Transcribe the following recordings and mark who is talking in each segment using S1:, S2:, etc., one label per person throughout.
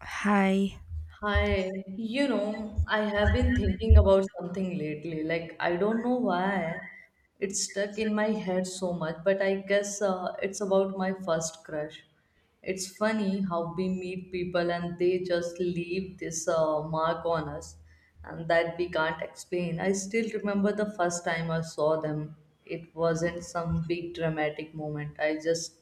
S1: Hi.
S2: Hi, you know, I have been thinking about something lately. Like, I don't know why it's stuck in my head so much, but I guess it's about my first crush. It's funny how we meet people and they just leave this mark on us and that we can't explain. I still remember the first time I saw them. It wasn't some big dramatic moment. I just,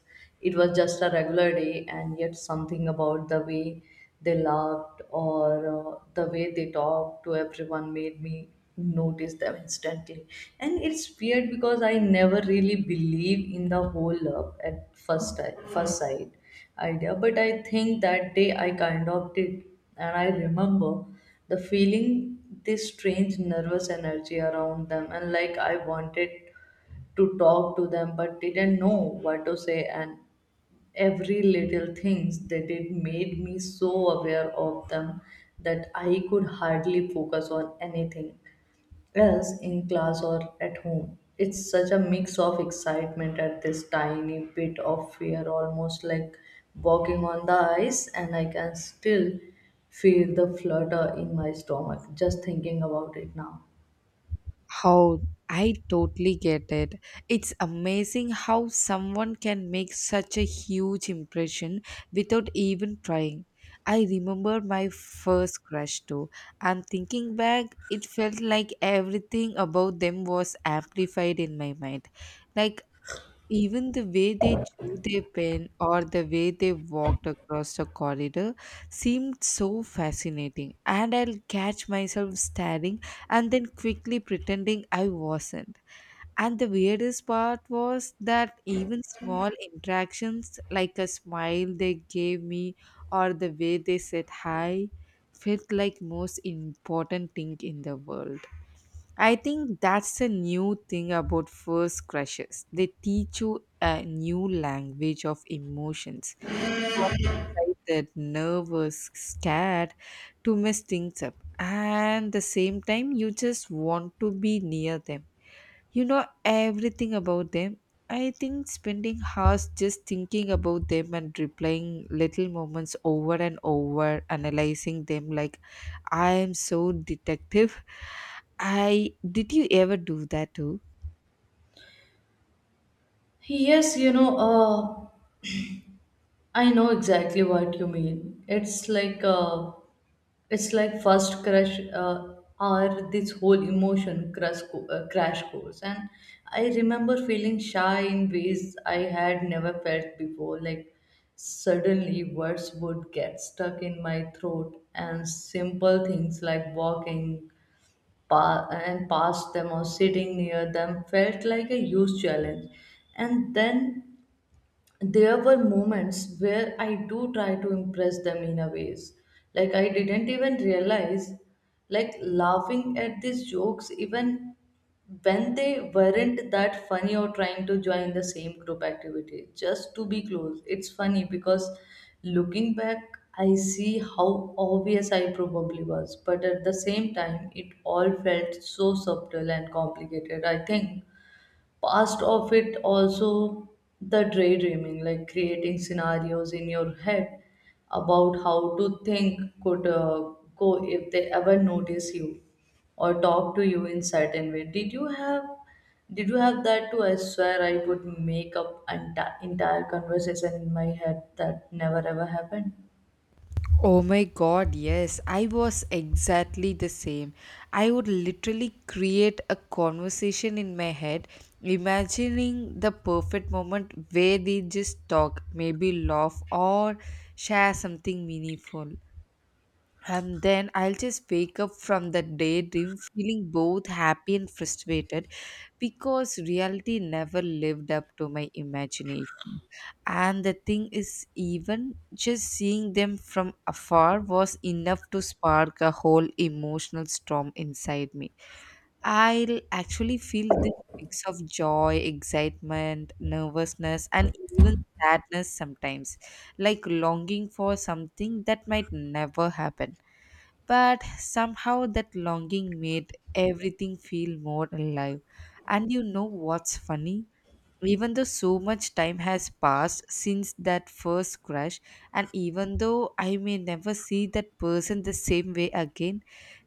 S2: it was just a regular day, and yet something about the way they laughed or the way they talked to everyone made me notice them instantly. And it's weird because I never really believe in the whole love at first sight idea, but I think that day I kind of did. And I remember the feeling, this strange nervous energy around them, and like I wanted to talk to them but didn't know what to say, and every little things they did made me so aware of them that I could hardly focus on anything else in class or at home. It's such a mix of excitement at this tiny bit of fear, almost like walking on the ice, and I can still feel the flutter in my stomach just thinking about it now.
S1: How I totally get it. It's amazing how someone can make such a huge impression without even trying. I remember my first crush too, and thinking back, it felt like everything about them was amplified in my mind. Like Even the way they drew their pen or the way they walked across the corridor seemed so fascinating, and I'll catch myself staring and then quickly pretending I wasn't. And the weirdest part was that even small interactions, like a smile they gave me or the way they said hi, felt like most important thing in the world. I think that's the new thing about first crushes. They teach you a new language of emotions. You are excited, nervous, scared to mess things up. And the same time, you just want to be near them you know everything about them. I think spending hours just thinking about them and replaying little moments over and over, analyzing them like I am so detective. I Did you ever do that too?
S2: Yes, you know, I know exactly what you mean. It's like first crush, or this whole emotion crash course. And I remember feeling shy in ways I had never felt before. Like suddenly words would get stuck in my throat, and simple things like walking pa- and past them or sitting near them felt like a huge challenge. And then there were moments where I do try to impress them in a ways. Like I didn't even realize, like laughing at these jokes even when they weren't that funny, or trying to join the same group activity just to be close. It's funny because looking back, I see how obvious I probably was, but at the same time, it all felt so subtle and complicated. I think past of it also the daydreaming, like creating scenarios in your head about how to think could go if they ever notice you or talk to you in certain way. Did you have that too? I swear I would make up entire conversation in my head that never ever happened.
S1: Oh my god, yes, I was exactly the same. I would literally create a conversation in my head, imagining the perfect moment where they just talk, maybe laugh, or share something meaningful, and then I'll just wake up from that daydream feeling both happy and frustrated because reality never lived up to my imagination. And the thing is, even just seeing them from afar was enough to spark a whole emotional storm inside me. I'll actually feel this mix of joy, excitement, nervousness, and even sadness sometimes, like longing for something that might never happen, but somehow that longing made everything feel more alive. And you know what's funny? Even though so much time has passed since that first crush, and even though I may never see that person the same way again,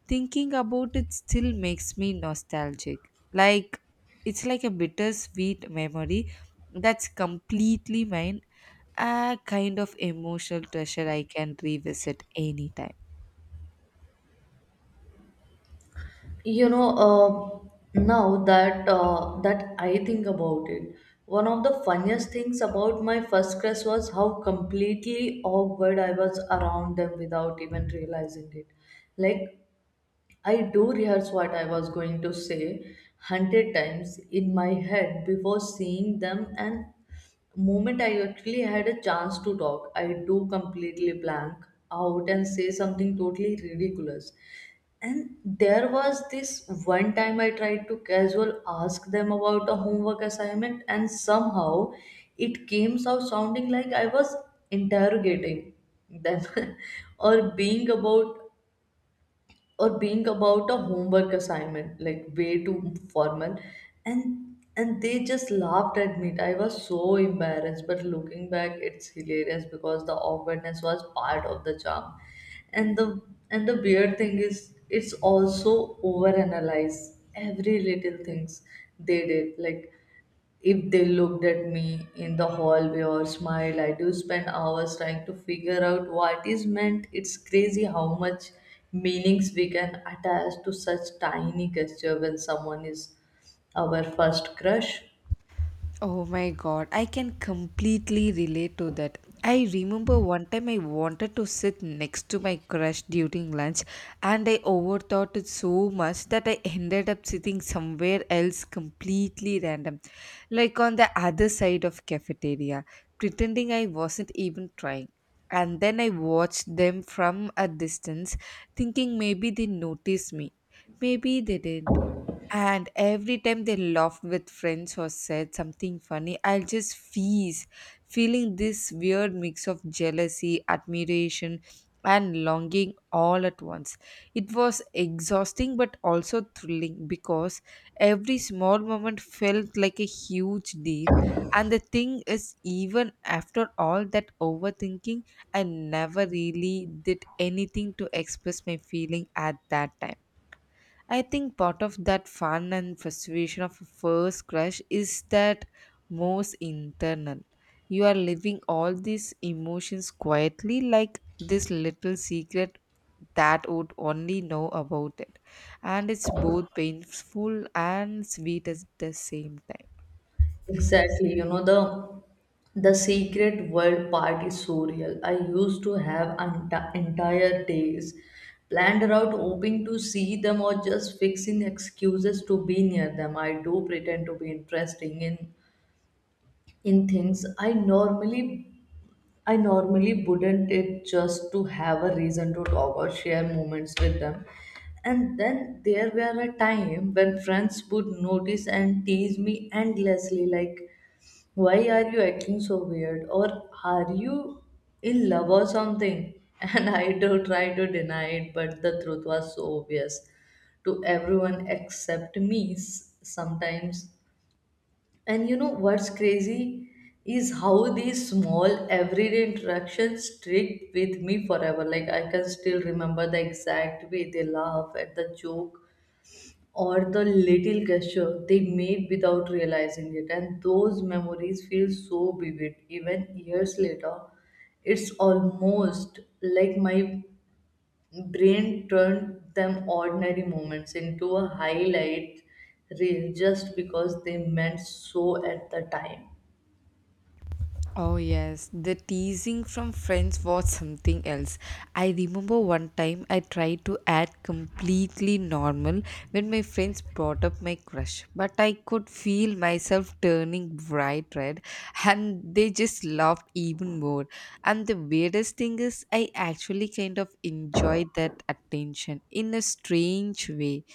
S1: thinking about it still makes me nostalgic. Like, it's like a bittersweet memory that's completely mine, a kind of emotional treasure I can revisit anytime.
S2: Now that I think about it, one of the funniest things about my first crush was how completely awkward I was around them without even realizing it. Like, I do rehearse what I was going to say 100 times in my head before seeing them, and moment I actually had a chance to talk, I do completely blank out and say something totally ridiculous. And there was this one time I tried to casual ask them about a homework assignment, and somehow it came out sounding like I was interrogating them or being about or being about a homework assignment, like way too formal. And and they just laughed at me. I was so embarrassed, but looking back it's hilarious because the awkwardness was part of the charm. And the and the weird thing is, it's also overanalyze every little things they did. Like, if they looked at me in the hallway or smiled, I do spend hours trying to figure out what is meant. It's crazy how much meanings we can attach to such tiny gesture when someone is our first crush.
S1: Oh my god, I can completely relate to that. I remember one time I wanted to sit next to my crush during lunch, and I overthought it so much that I ended up sitting somewhere else completely random, like on the other side of cafeteria, pretending I wasn't even trying. And then I watched them from a distance, thinking maybe they noticed me. Maybe they didn't, and every time they laughed with friends or said something funny, I'll just freeze, feeling this weird mix of jealousy, admiration, and longing all at once. It was exhausting but also thrilling because every small moment felt like a huge deal. And the thing is, even after all that overthinking, I never really did anything to express my feeling at that time. I think part of that fun and frustration of a first crush is that most internal. You are living all these emotions quietly, like this little secret that would only know about it. And it's both painful and sweet at the same time.
S2: Exactly, you know, the secret world part is so real. I used to have entire days planned around hoping to see them or just fixing excuses to be near them. I do pretend to be interesting in things I normally wouldn't it, just to have a reason to talk or share moments with them. And then there were a time when friends would notice and tease me endlessly, like, why are you acting so weird, or are you in love or something? And I do try to deny it, but the truth was so obvious to everyone except me. Sometimes. And you know what's crazy is how these small everyday interactions stick with me forever. Like, I can still remember the exact way they laugh at the joke or the little gesture they made without realizing it. And those memories feel so vivid even years later. It's almost like my brain turned them ordinary moments into a highlight reel just because they meant so at the time.
S1: Oh, yes, the teasing from friends was something else. I remember one time I tried to act completely normal when my friends brought up my crush, but I could feel myself turning bright red and they just laughed even more. And the weirdest thing is, I actually kind of enjoyed that attention in a strange way.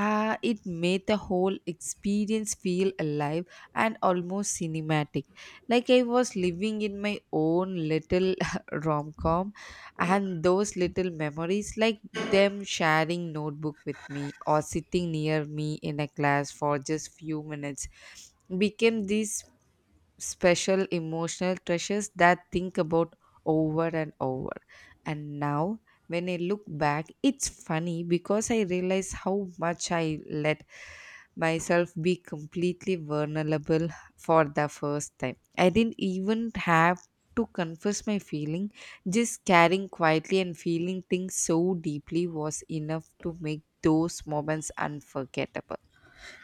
S1: Ah, it made the whole experience feel alive and almost cinematic. Like I was living in my own little rom com, and those little memories, like them sharing notebook with me or sitting near me in a class for just few minutes, became these special emotional treasures that think about over and over. And now when I look back, it's funny because I realize how much I let myself be completely vulnerable for the first time. I didn't even have to confess my feeling. Just caring quietly and feeling things so deeply was enough to make those moments unforgettable.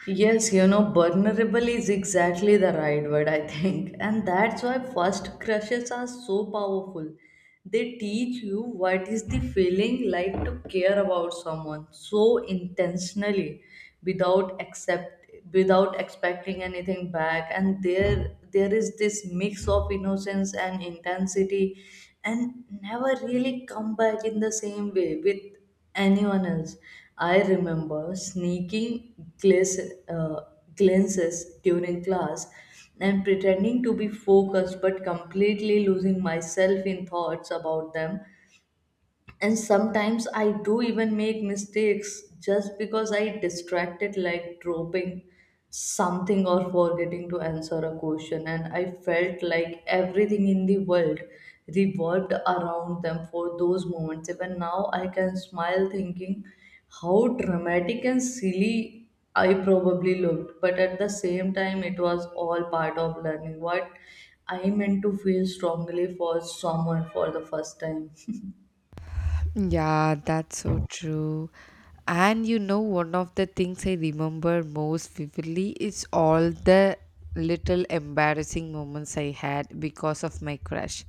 S2: Yes, you know, vulnerable is exactly the right word, I think. And that's why first crushes are so powerful. They teach you what is the feeling like to care about someone so intentionally without accept without expecting anything back. And there is this mix of innocence and intensity and never really come back in the same way with anyone else. I remember sneaking glaze, uh, glances during class and pretending to be focused but completely losing myself in thoughts about them. And sometimes I do even make mistakes just because I distracted, like dropping something or forgetting to answer a question. And I felt like everything in the world revolved around them for those moments. Even now I can smile thinking how dramatic and silly I probably looked, but at the same time, it was all part of learning what I meant to feel strongly for someone for the first time.
S1: Yeah, that's so true. And you know, one of the things I remember most vividly is all the little embarrassing moments I had because of my crush.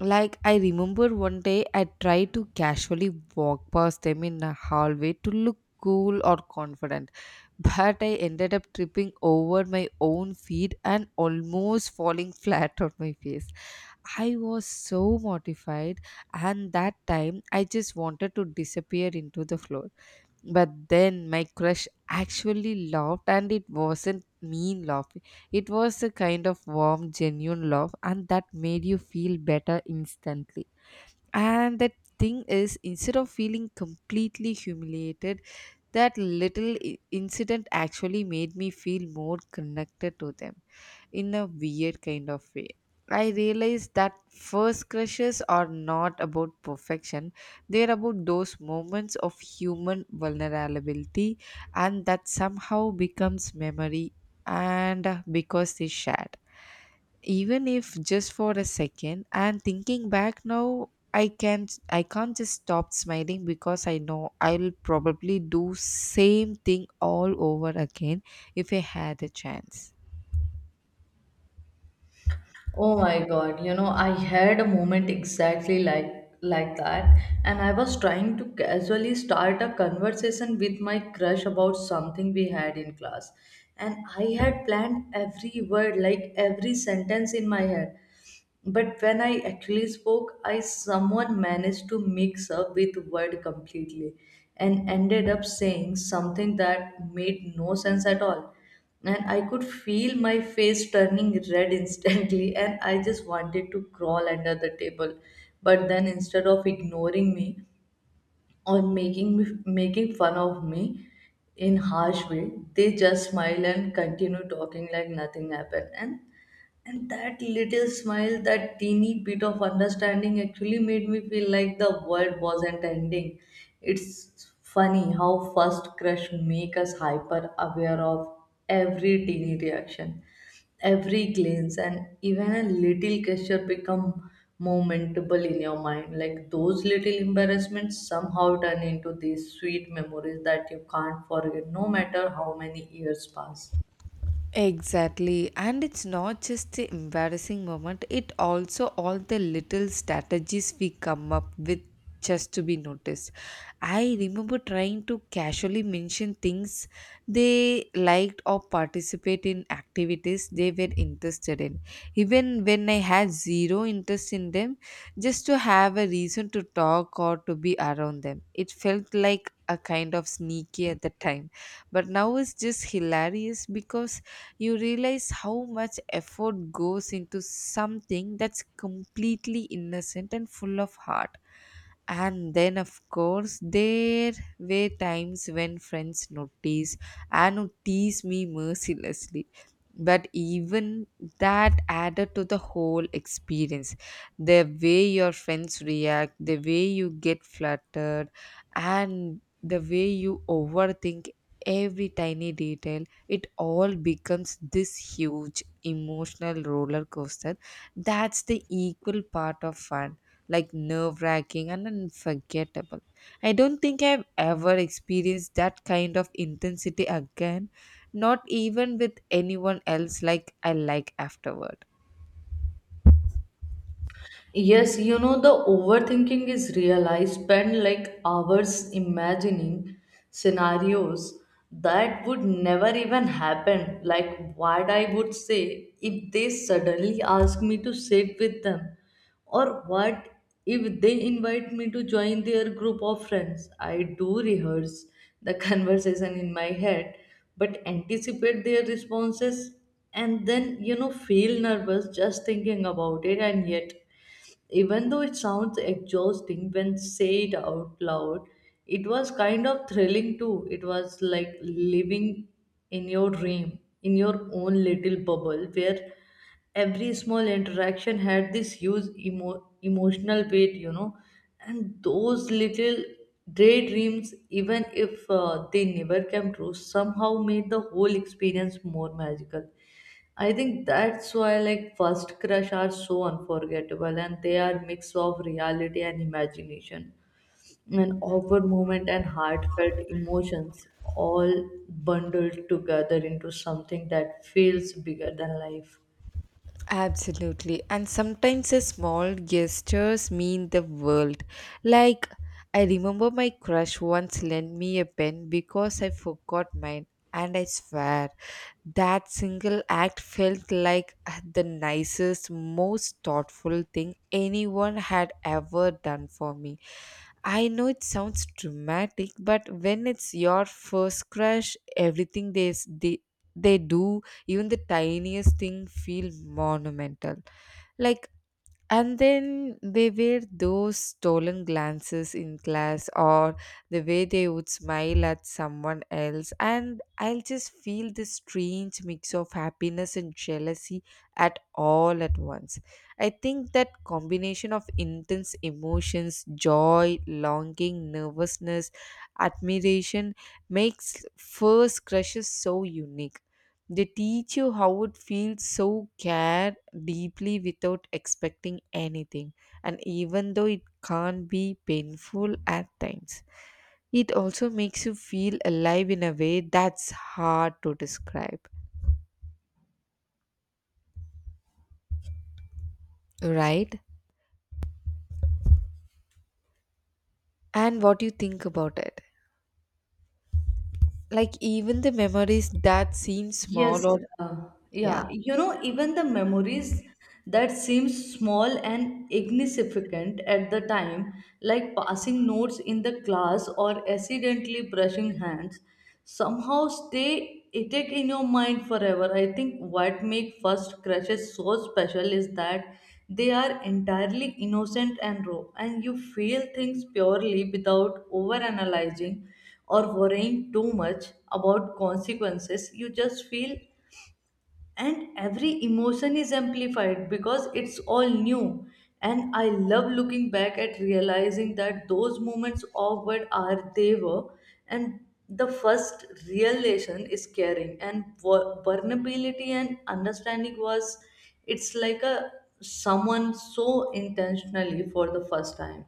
S1: Like, I remember one day I tried to casually walk past them in a hallway to look cool or confident, but I ended up tripping over my own feet and almost falling flat on my face. I was so mortified, and that time I just wanted to disappear into the floor. But then my crush actually laughed, and it wasn't mean laughing, it was a kind of warm, genuine laugh, and that made you feel better instantly. And that thing is, instead of feeling completely humiliated, that little incident actually made me feel more connected to them in a weird kind of way. I realized that first crushes are not about perfection, they're about those moments of human vulnerability, and that somehow becomes memory, and because they shared, even if just for a second. And thinking back now, I can't just stop smiling because I know I'll probably do same thing all over again if I had a chance.
S2: Oh my God, you know, I had a moment exactly like that. And I was trying to casually start a conversation with my crush about something we had in class, and I had planned every word, like every sentence in my head, but when I actually spoke, I someone managed to mix up with word completely and ended up saying something that made no sense at all. And I could feel my face turning red instantly, and I just wanted to crawl under the table. But then instead of ignoring me or making me making fun of me, in harsh way, they just smile and continue talking like nothing happened. And that little smile, that teeny bit of understanding, actually made me feel like the world wasn't ending. It's funny how first crush make us hyper aware of every teeny reaction, every glance, and even a little gesture become momentable in your mind. Like those little embarrassments somehow turn into these sweet memories that you can't forget no matter how many years pass.
S1: Exactly, and it's not just the embarrassing moment, it also all the little strategies we come up with just to be noticed. I remember trying to casually mention things they liked or participate in activities they were interested in, even when I had zero interest in them, just to have a reason to talk or to be around them. It felt like a kind of sneaky at the time, but now it's just hilarious because you realize how much effort goes into something that's completely innocent and full of heart. And then, of course, there were times when friends noticed and would tease me mercilessly. But even that added to the whole experience. The way your friends react, the way you get flattered, and the way you overthink every tiny detail, it all becomes this huge emotional roller coaster. That's the equal part of fun, like nerve wracking and unforgettable. I don't think I've ever experienced that kind of intensity again, not even with anyone else like I like afterward.
S2: Yes, you know, the overthinking is real. I spend like hours imagining scenarios that would never even happen. Like, what I would say if they suddenly ask me to sit with them, or what if they invite me to join their group of friends. I do rehearse the conversation in my head, but anticipate their responses and then, you know, feel nervous just thinking about it, and yet. Even though it sounds exhausting when say it out loud, it was kind of thrilling too. It was like living in your dream, in your own little bubble where every small interaction had this huge emotional weight, you know, and those little daydreams, even if they never came true, somehow made the whole experience more magical. I think that's why like first crush are so unforgettable, and they are mix of reality and imagination, an awkward moment and heartfelt emotions all bundled together into something that feels bigger than life.
S1: Absolutely. And sometimes the small gestures mean the world. Like, I remember my crush once lent me a pen because I forgot mine, and I swear that single act felt like the nicest, most thoughtful thing anyone had ever done for me. I know it sounds dramatic, but when it's your first crush, everything they do, even the tiniest thing, feel monumental. Like, and then they were those stolen glances in class or the way they would smile at someone else, and I'll just feel this strange mix of happiness and jealousy at all at once. I think that combination of intense emotions, joy, longing, nervousness, admiration, makes first crushes so unique. They teach you how it feels so care deeply without expecting anything, and even though it can't be painful at times, it also makes you feel alive in a way that's hard to describe, right? And what do you think about it, like even the memories that seem small
S2: Yes,
S1: or yeah
S2: yeah. You know, even the memories that seem small and insignificant at the time, like passing notes in the class or accidentally brushing hands, somehow stay etched in your mind forever. I think what make first crushes so special is that they are entirely innocent and raw, and you feel things purely without overanalyzing or worrying too much about consequences. You just feel, and every emotion is amplified because it's all new. And I love looking back at realizing that those moments of what are they were, and the first real lesson is caring and vulnerability and understanding was, it's like a someone so intentionally for the first time.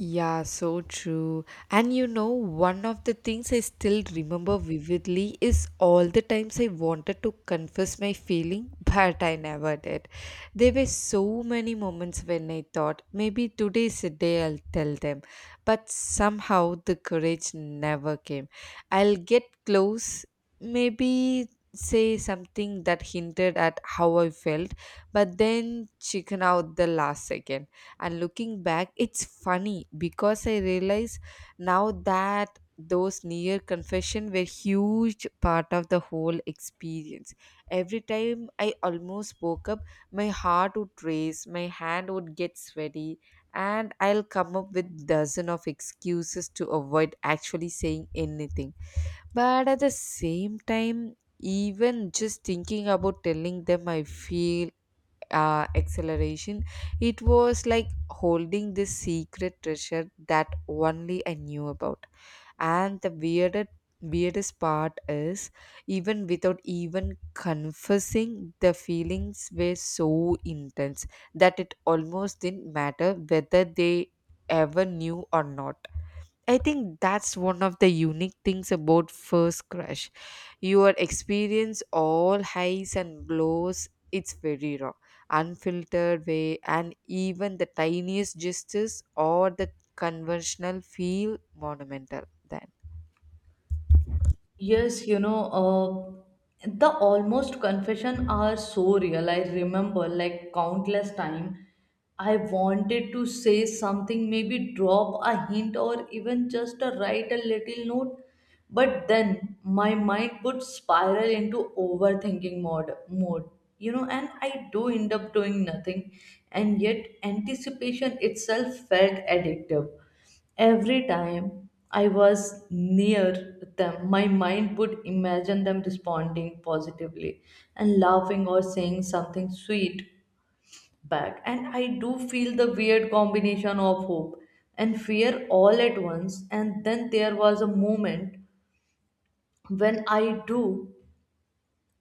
S1: Yeah, so true. And you know, one of the things I still remember vividly is all the times I wanted to confess my feeling, but I never did. There were so many moments when I thought maybe today's the day I'll tell them, but somehow the courage never came. I'll get close, maybe say something that hinted at how I felt, but then chicken out the last second. And looking back, it's funny because I realize now that those near confession were huge part of the whole experience. Every time I almost woke up, my heart would race, my hand would get sweaty, and I'll come up with dozen of excuses to avoid actually saying anything. But at the same time, even just thinking about telling them I feel acceleration. It was like holding this secret treasure that only I knew about. And the weirdest part is, even without even confessing, the feelings were so intense that it almost didn't matter whether they ever knew or not. I think that's one of the unique things about first crush. You experience all highs and lows. It's very raw, unfiltered way, and even the tiniest gestures or the conventional feel monumental. Then
S2: Yes, you know, the almost confession are so real. I remember like countless time I wanted to say something, maybe drop a hint or even just a write a little note, but then my mind would spiral into overthinking mode, you know, and I do end up doing nothing, and yet anticipation itself felt addictive. Every time I was near them, my mind would imagine them responding positively and laughing or saying something sweet back. And I do feel the weird combination of hope and fear all at once. And then there was a moment when I do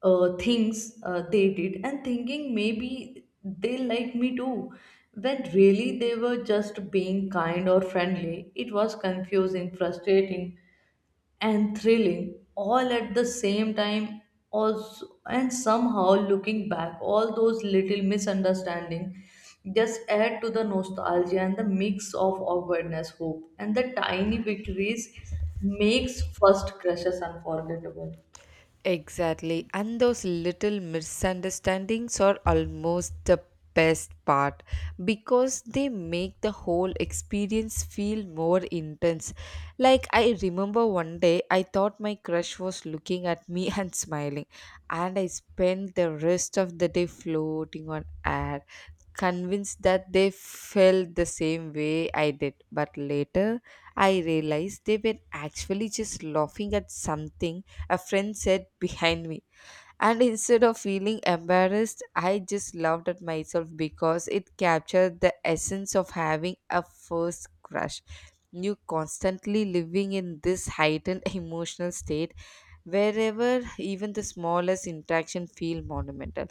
S2: things they did and thinking maybe they like me too, when really they were just being kind or friendly. It was confusing, frustrating, and thrilling all at the same time also. And somehow, looking back, all those little misunderstanding just add to the nostalgia, and the mix of awkwardness, hope, and the tiny victories makes first crushes unforgettable.
S1: exactly. And those little misunderstandings are almost the best part because they make the whole experience feel more intense. Like, I remember one day I thought my crush was looking at me and smiling, and I spent the rest of the day floating on air. Convinced that they felt the same way I did, but later I realized they were actually just laughing at something a friend said behind me. And instead of feeling embarrassed, I just laughed at myself because it captured the essence of having a first crush. You constantly living in this heightened emotional state wherever even the smallest interaction feel monumental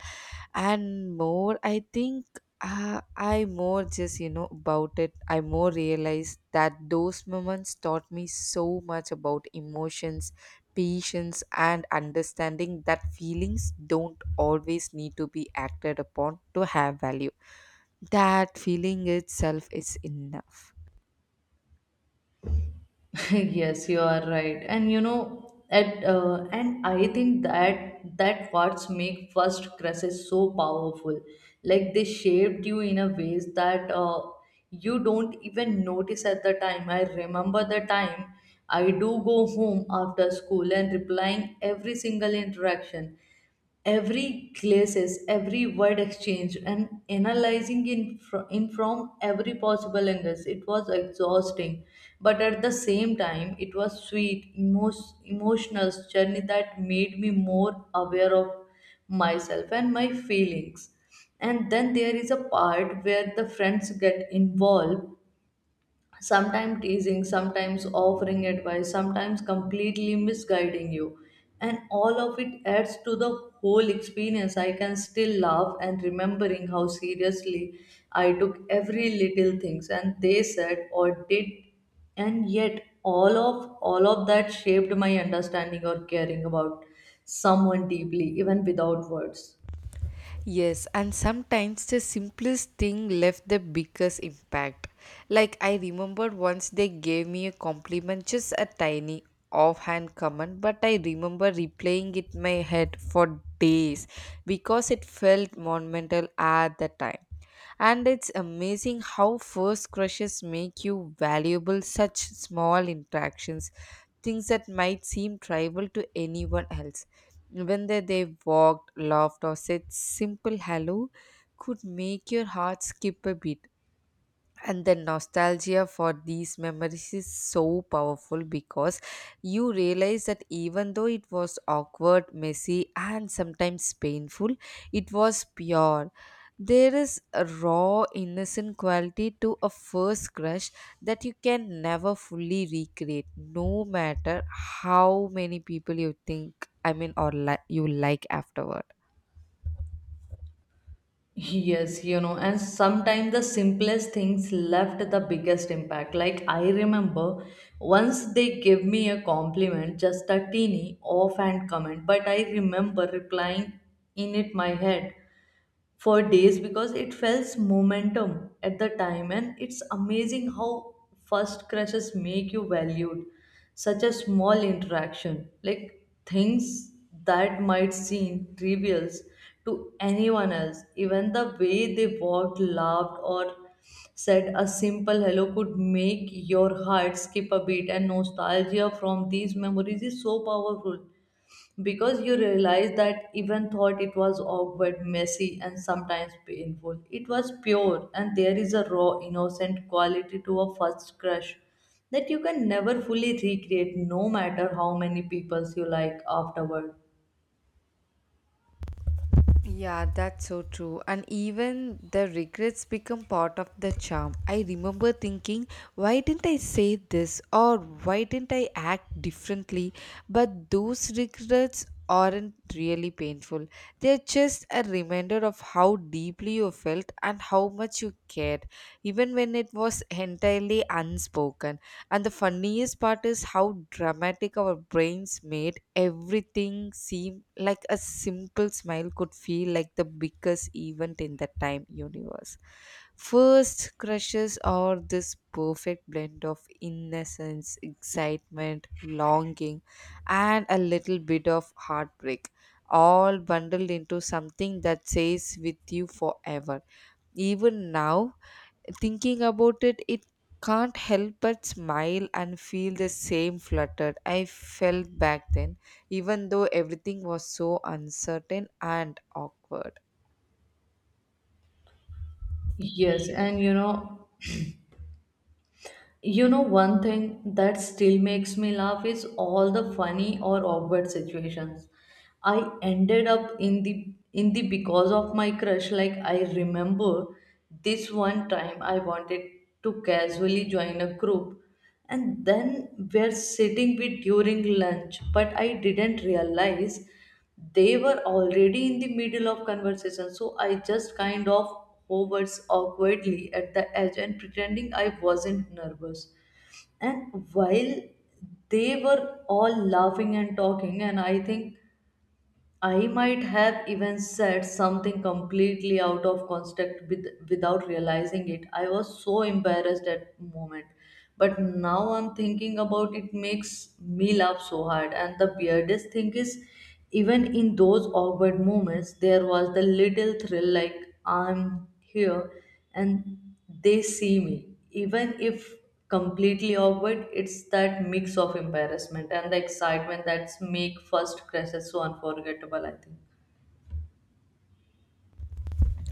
S1: and more. I think, I more just you know about it, I more realized that those moments taught me so much about emotions, patience, and understanding that feelings don't always need to be acted upon to have value, that feeling itself is enough.
S2: Yes, you are right. And you know, at and I think that what's make first crushes so powerful, like they shaped you in a ways that you don't even notice at the time. I remember the time I do go home after school and replying every single interaction, every glazes, every word exchanged, and analyzing in from every possible angle. It was exhausting, but at the same time, it was sweet, emotional journey that made me more aware of myself and my feelings. And then there is a part where the friends get involved, sometimes teasing, sometimes offering advice, sometimes completely misguiding you. And all of it adds to the whole experience. I can still laugh and remembering how seriously I took every little things and they said or did, and yet all of that shaped my understanding or caring about someone deeply, even without words.
S1: Yes, and sometimes the simplest thing left the biggest impact. Like I remembered once they gave me a compliment, just a tiny offhand comment, but I remember replaying it in my head for days because it felt monumental at the time. And it's amazing how first crushes make you valuable such small interactions, things that might seem trivial to anyone else. When they walked, laughed, or said simple hello could make your heart skip a beat, and the nostalgia for these memories is so powerful because you realize that even though it was awkward, messy, and sometimes painful, it was pure. There is a raw, innocent quality to a first crush that you can never fully recreate, no matter how many people you think I mean or li- you like afterward.
S2: Yes, you know, and sometimes the simplest things left the biggest impact. Like I remember once they gave me a compliment, just a teeny offhand comment, but I remember replying in it my head for days because it felt momentum at the time. And it's amazing how first crushes make you valued such a small interaction, like things that might seem trivial to anyone else, even the way they walked, laughed, or said a simple hello could make your heart skip a beat. And nostalgia from these memories is so powerful because you realize that even thought it was awkward, messy, and sometimes painful, it was pure, and there is a raw, innocent quality to a first crush that you can never fully recreate, no matter how many people you like afterward.
S1: Yeah, that's so true. And even the regrets become part of the charm. I remember thinking, why didn't I say this or why didn't I act differently? But those regrets aren't really painful. They're just a reminder of how deeply you felt and how much you cared, even when it was entirely unspoken. And the funniest part is how dramatic our brains made everything seem, like a simple smile could feel like the biggest event in the time universe. First crushes are this perfect blend of innocence, excitement, longing, and a little bit of heartbreak. All bundled into something that stays with you forever. Even now, thinking about it, it can't help but smile and feel the same fluttered I felt back then, even though everything was so uncertain and awkward.
S2: Yes, and you know, you know, one thing that still makes me laugh is all the funny or awkward situations I ended up in the because of my crush. Like I remember this one time I wanted to casually join a group and then we're sitting with during lunch, but I didn't realize they were already in the middle of conversation. So I just kind of hovered awkwardly at the edge and pretending I wasn't nervous. And while they were all laughing and talking, and I think I might have even said something completely out of context without realizing it. I was so embarrassed at moment, but now I'm thinking about it makes me laugh so hard. And the weirdest thing is, even in those awkward moments, there was the little thrill like I'm here and they see me. Even if completely awkward, it's that mix of embarrassment and the excitement that's make first crashes so unforgettable, I think.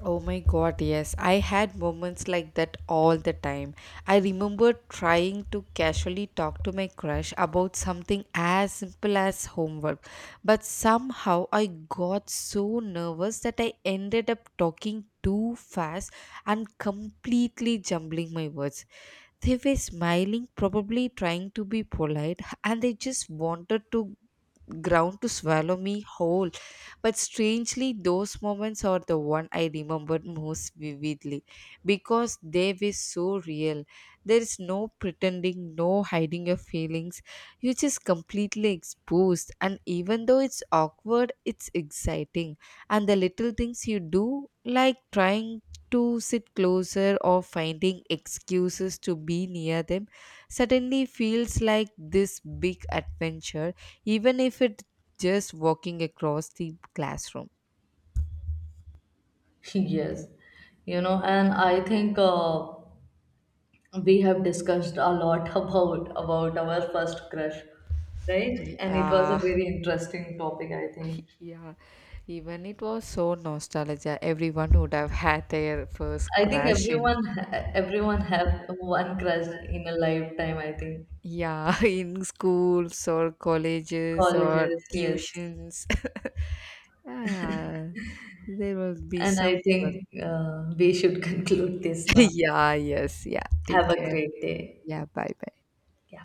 S1: Oh my god, yes. I had moments like that all the time. I remember trying to casually talk to my crush about something as simple as homework, but somehow I got so nervous that I ended up talking too fast and completely jumbling my words. They were smiling, probably trying to be polite, and they just wanted to ground to swallow me whole. But strangely, those moments are the one I remember most vividly because they were so real. There is no pretending, no hiding your feelings. You're just completely exposed, and even though it's awkward, it's exciting. And the little things you do, like trying to sit closer or finding excuses to be near them, suddenly feels like this big adventure, even if it's just walking across the classroom.
S2: Yes, you know, and I think we have discussed a lot about our first crush, right? And it was
S1: Yeah,
S2: a very interesting topic, I think.
S1: yeah. Even it was so nostalgia. Everyone would have had their first
S2: I think
S1: crush in,
S2: everyone have one crush in a lifetime, I think.
S1: yeah, in schools or colleges or
S2: Colleges, yes.
S1: tuitions. Yeah, there will be
S2: And
S1: some.
S2: I think we should conclude this now.
S1: Yeah, yes, yeah. Take
S2: Have a
S1: care.
S2: great day.
S1: Yeah, bye.
S2: Yeah.